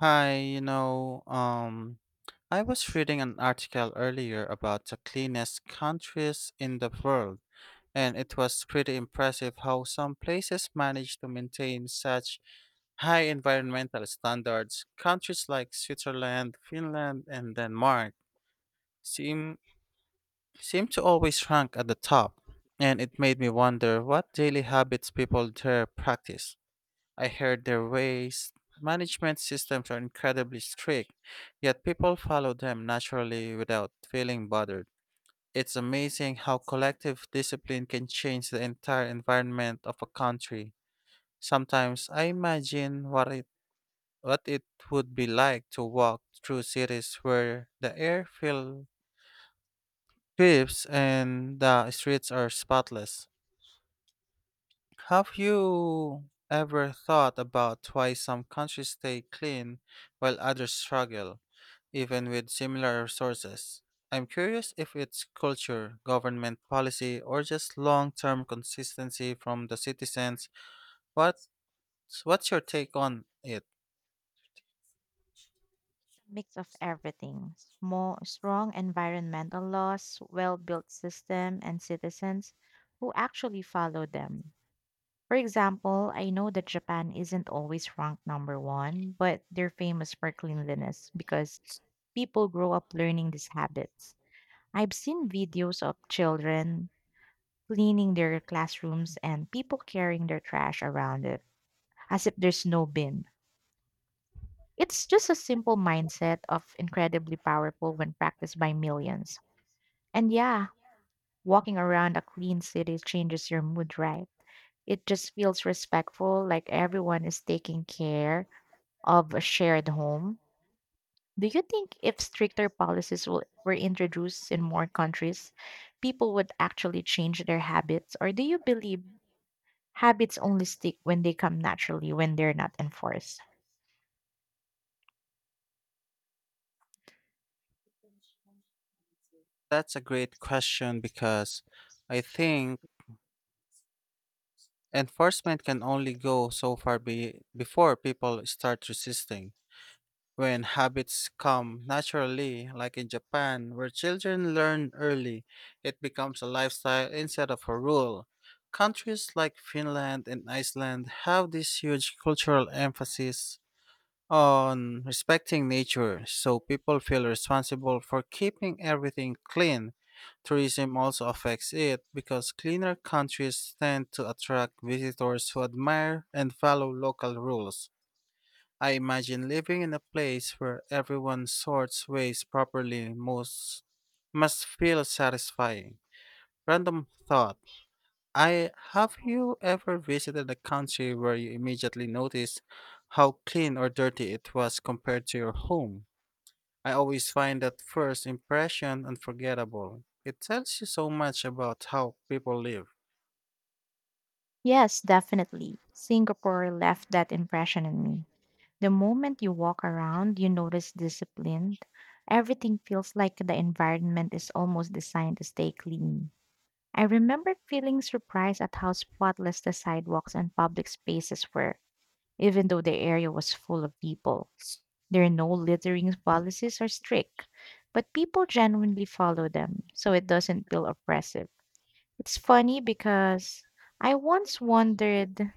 Hi, you know, um, I was reading an article earlier about the cleanest countries in the world, and it was pretty impressive how some places manage to maintain such high environmental standards. Countries like Switzerland, Finland, and Denmark seem seem to always rank at the top, and it made me wonder what daily habits people there practice. I heard their waste management systems are incredibly strict, yet people follow them naturally without feeling bothered. It's amazing how collective discipline can change the entire environment of a country. Sometimes I imagine what it would be like to walk through cities where the air feels crisp and the streets are spotless. Have you ever thought about why some countries stay clean while others struggle, even with similar resources? I'm curious if it's culture, government policy, or just long term consistency from the citizens. What's, what's your take on it? Mix of everything small, strong environmental laws, well built system, and citizens who actually follow them. For example, I know that Japan isn't always ranked number one, but they're famous for cleanliness because people grow up learning these habits. I've seen videos of children cleaning their classrooms and people carrying their trash around it as if there's no bin. It's just a simple mindset of incredibly powerful when practiced by millions. And yeah, walking around a clean city changes your mood, right? It just feels respectful, like everyone is taking care of a shared home. Do you think if stricter policies will, were introduced in more countries, people would actually change their habits? Or do you believe habits only stick when they come naturally, when they're not enforced? That's a great question because I think enforcement can only go so far before people start resisting. When habits come naturally, like in Japan, where children learn early, it becomes a lifestyle instead of a rule. Countries like Finland and Iceland have this huge cultural emphasis on respecting nature, so people feel responsible for keeping everything clean. Tourism also affects it because cleaner countries tend to attract visitors who admire and follow local rules. I imagine living in a place where everyone sorts waste properly most must feel satisfying. Random thought. I have you ever visited a country where you immediately noticed how clean or dirty it was compared to your home? I always find that first impression unforgettable. It tells you so much about how people live. Yes, definitely. Singapore left that impression in me. The moment you walk around, you notice discipline. Everything feels like the environment is almost designed to stay clean. I remember feeling surprised at how spotless the sidewalks and public spaces were, even though the area was full of people. There are no littering policies or strict, but people genuinely follow them, so it doesn't feel oppressive. It's funny because I once wondered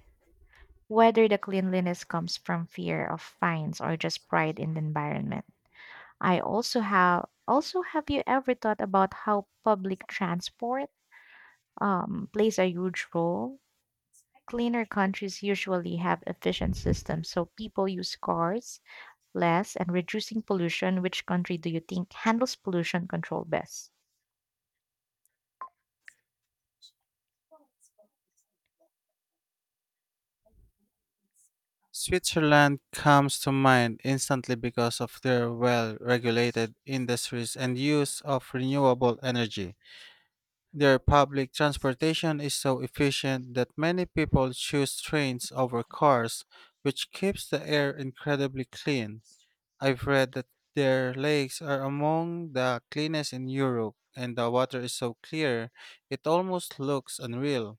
whether the cleanliness comes from fear of fines or just pride in the environment. I also have you ever thought about how public transport plays a huge role? Cleaner countries usually have efficient systems, so people use cars less and reducing pollution. Which country do you think handles pollution control best? Switzerland comes to mind instantly because of their well regulated industries and use of renewable energy. Their public transportation is so efficient that many people choose trains over cars, which keeps the air incredibly clean. I've read that their lakes are among the cleanest in Europe, and the water is so clear it almost looks unreal.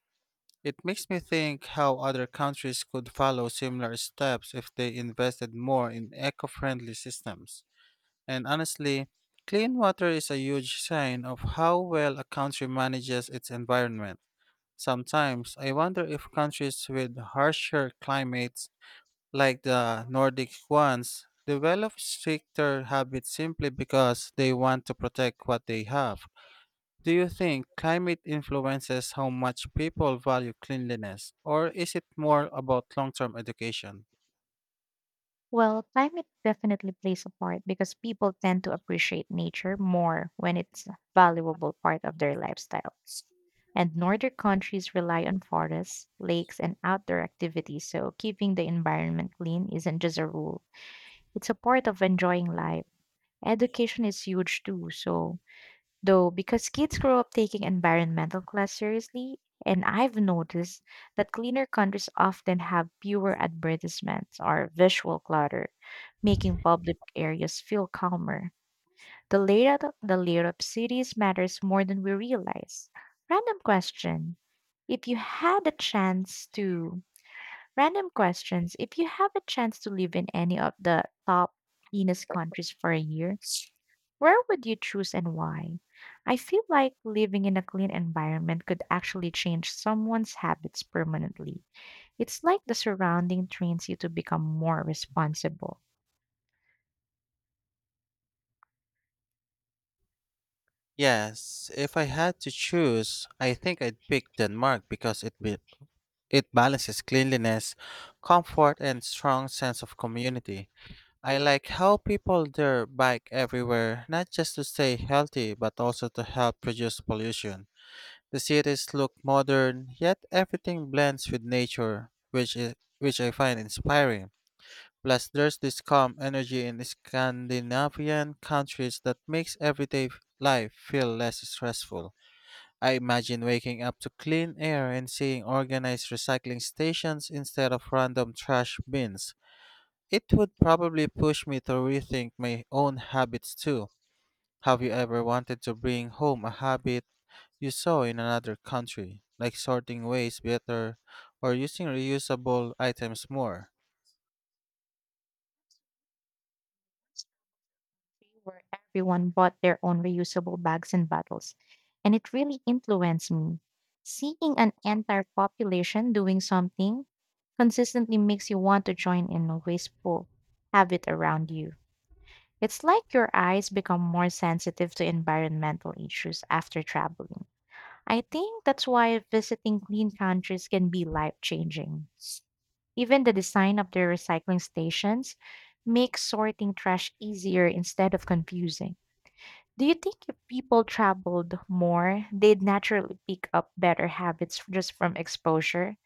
It makes me think how other countries could follow similar steps if they invested more in eco friendly systems. And honestly, clean water is a huge sign of how well a country manages its environment. Sometimes I wonder if countries with harsher climates, like the Nordic ones, develop stricter habits simply because they want to protect what they have. Do you think climate influences how much people value cleanliness, or is it more about long term education? Well, climate definitely plays a part because people tend to appreciate nature more when it's a valuable part of their lifestyles. And northern countries rely on forests, lakes, and outdoor activities, so keeping the environment clean isn't just a rule, it's a part of enjoying life. Education is huge too, so though, because kids grow up taking environmental class seriously, and I've noticed that cleaner countries often have fewer advertisements or visual clutter, making public areas feel calmer. The layout of cities matters more than we realize. Random question. If you had a chance to Random questions. If you have a chance to live in any of the top cleanest countries for a year, where would you choose and why? I feel like living in a clean environment could actually change someone's habits permanently. It's like the surrounding trains you to become more responsible. Yes, if I had to choose, I think I'd pick Denmark because it balances cleanliness, comfort, and strong sense of community. I like how people there bike everywhere, not just to stay healthy, but also to help reduce pollution. The cities look modern, yet everything blends with nature, which I find inspiring. Plus, there's this calm energy in Scandinavian countries that makes everyday life feel less stressful. I imagine waking up to clean air and seeing organized recycling stations instead of random trash bins. It would probably push me to rethink my own habits too. Have you ever wanted to bring home a habit you saw in another country, like sorting waste better or using reusable items more? Where everyone bought their own reusable bags and bottles, and it really influenced me. Seeing an entire population doing something consistently makes you want to join in a wasteful habit around you. It's like your eyes become more sensitive to environmental issues after traveling. I think that's why visiting clean countries can be life changing. Even the design of their recycling stations makes sorting trash easier instead of confusing. Do you think if people traveled more, they'd naturally pick up better habits just from exposure?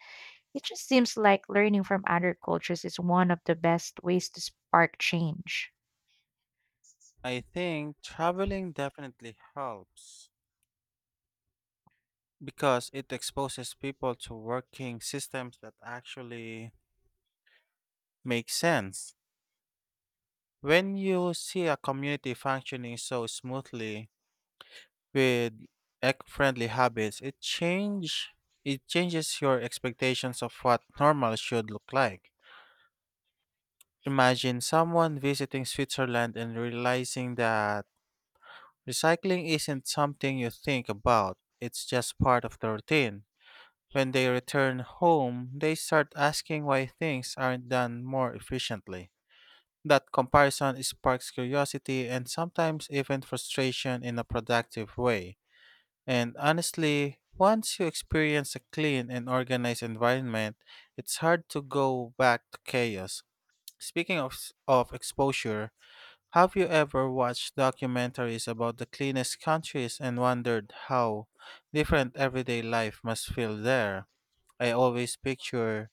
It just seems like learning from other cultures is one of the best ways to spark change. I think traveling definitely helps because it exposes people to working systems that actually make sense. When you see a community functioning so smoothly with eco-friendly habits, it changes your expectations of what normal should look like. Imagine someone visiting Switzerland and realizing that recycling isn't something you think about. It's just part of the routine. When they return home, they start asking why things aren't done more efficiently. That comparison sparks curiosity and sometimes even frustration in a productive way. And honestly, once you experience a clean and organized environment, it's hard to go back to chaos. Speaking of exposure, have you ever watched documentaries about the cleanest countries and wondered how different everyday life must feel there? I always picture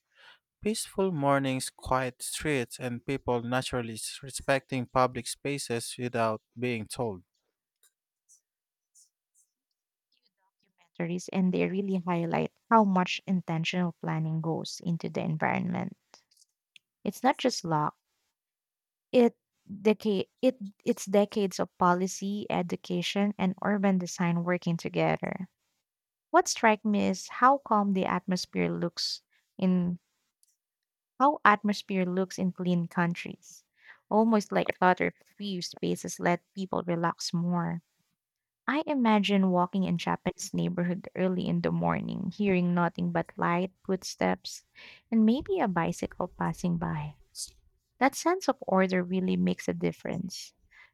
peaceful mornings, quiet streets, and people naturally respecting public spaces without being told. Documentaries, and they really highlight how much intentional planning goes into the environment. It's not just luck. It decade it it's decades of policy, education, and urban design working together. What strikes me is how calm the atmosphere looks in How atmosphere looks in clean countries. Almost like clutter free spaces let people relax more. I imagine walking in Japanese neighborhood early in the morning, hearing nothing but light footsteps and maybe a bicycle passing by. That sense of order really makes a difference.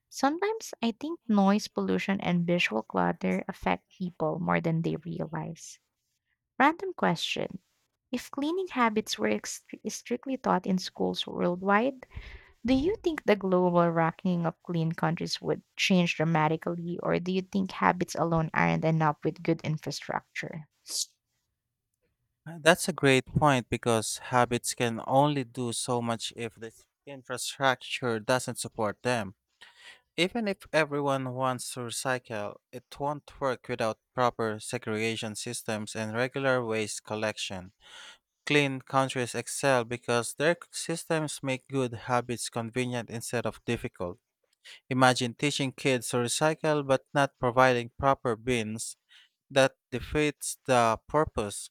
Sometimes I think noise pollution and visual clutter affect people more than they realize. Random question. If cleaning habits were strictly taught in schools worldwide, do you think the global ranking of clean countries would change dramatically, or do you think habits alone aren't enough with good infrastructure? That's a great point because habits can only do so much if the infrastructure doesn't support them. Even if everyone wants to recycle, it won't work without proper segregation systems and regular waste collection. Clean countries excel because their systems make good habits convenient instead of difficult. Imagine teaching kids to recycle but not providing proper bins. That defeats the purpose.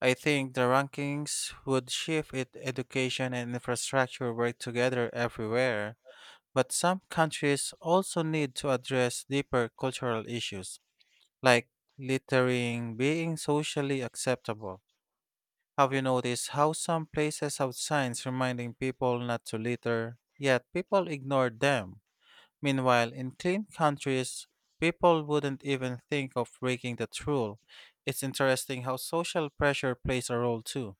I think the rankings would shift if education and infrastructure work together everywhere. But some countries also need to address deeper cultural issues, like littering being socially acceptable. Have you noticed how some places have signs reminding people not to litter, yet people ignore them? Meanwhile, in clean countries, people wouldn't even think of breaking that rule. It's interesting how social pressure plays a role too.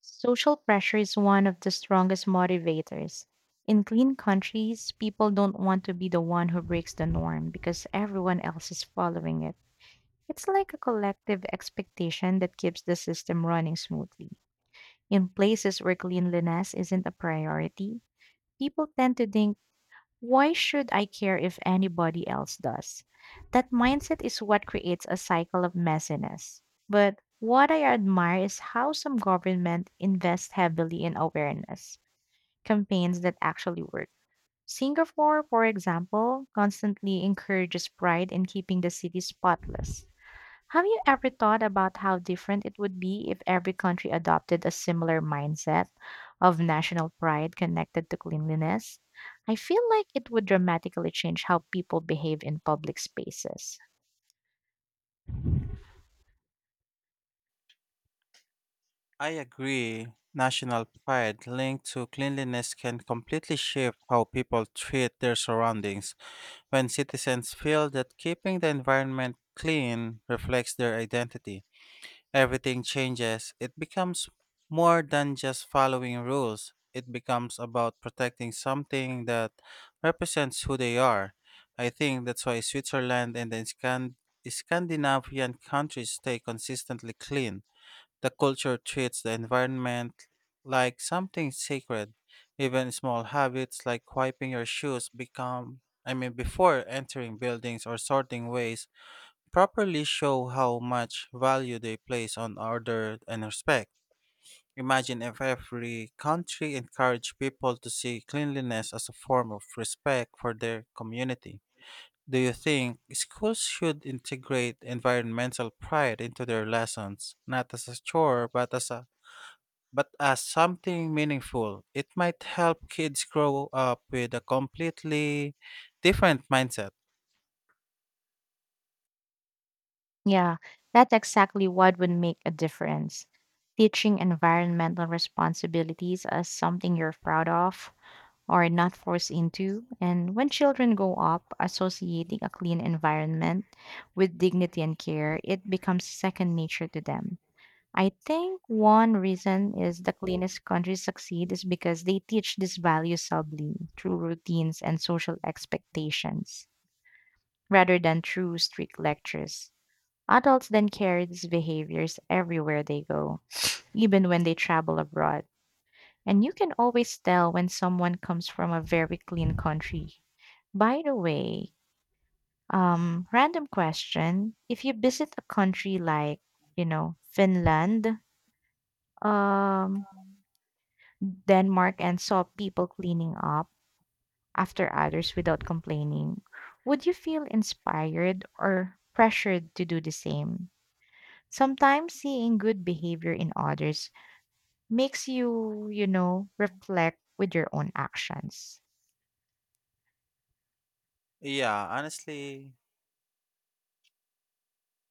Social pressure is one of the strongest motivators. In clean countries, people don't want to be the one who breaks the norm because everyone else is following it. It's like a collective expectation that keeps the system running smoothly. In places where cleanliness isn't a priority, people tend to think, why should I care if anybody else does? That mindset is what creates a cycle of messiness. But what I admire is how some government invest heavily in awareness campaigns that actually work. Singapore, for example, constantly encourages pride in keeping the city spotless. Have you ever thought about how different it would be if every country adopted a similar mindset of national pride connected to cleanliness? I feel like it would dramatically change how people behave in public spaces. I agree. National pride linked to cleanliness can completely shape how people treat their surroundings. When citizens feel that keeping the environment clean reflects their identity, everything changes. It becomes more than just following rules, it becomes about protecting something that represents who they are. I think that's why Switzerland and the Scandinavian countries stay consistently clean the culture treats the environment like something sacred. Even small habits like wiping your shoes become I mean before entering buildings or sorting waste properly show how much value they place on order and respect. Imagine if every country encouraged people to see cleanliness as a form of respect for their community. Do you think schools should integrate environmental pride into their lessons, not as a chore but as something meaningful. It might help kids grow up with a completely different mindset. Yeah, that's exactly what would make a difference. Teaching environmental responsibilities as something you're proud of are not forced into. And when children grow up associating a clean environment with dignity and care, it becomes second nature to them. I think one reason is the cleanest countries succeed is because they teach these values subtly through routines and social expectations rather than through strict lectures. Adults then carry these behaviors everywhere they go, even when they travel abroad. And you can always tell when someone comes from a very clean country. By the way, random question. If you visit a country like, you know, Finland, um, Denmark, and saw people cleaning up after others without complaining, would you feel inspired or pressured to do the same? Sometimes seeing good behavior in others makes you, you know, reflect with your own actions. Yeah, honestly,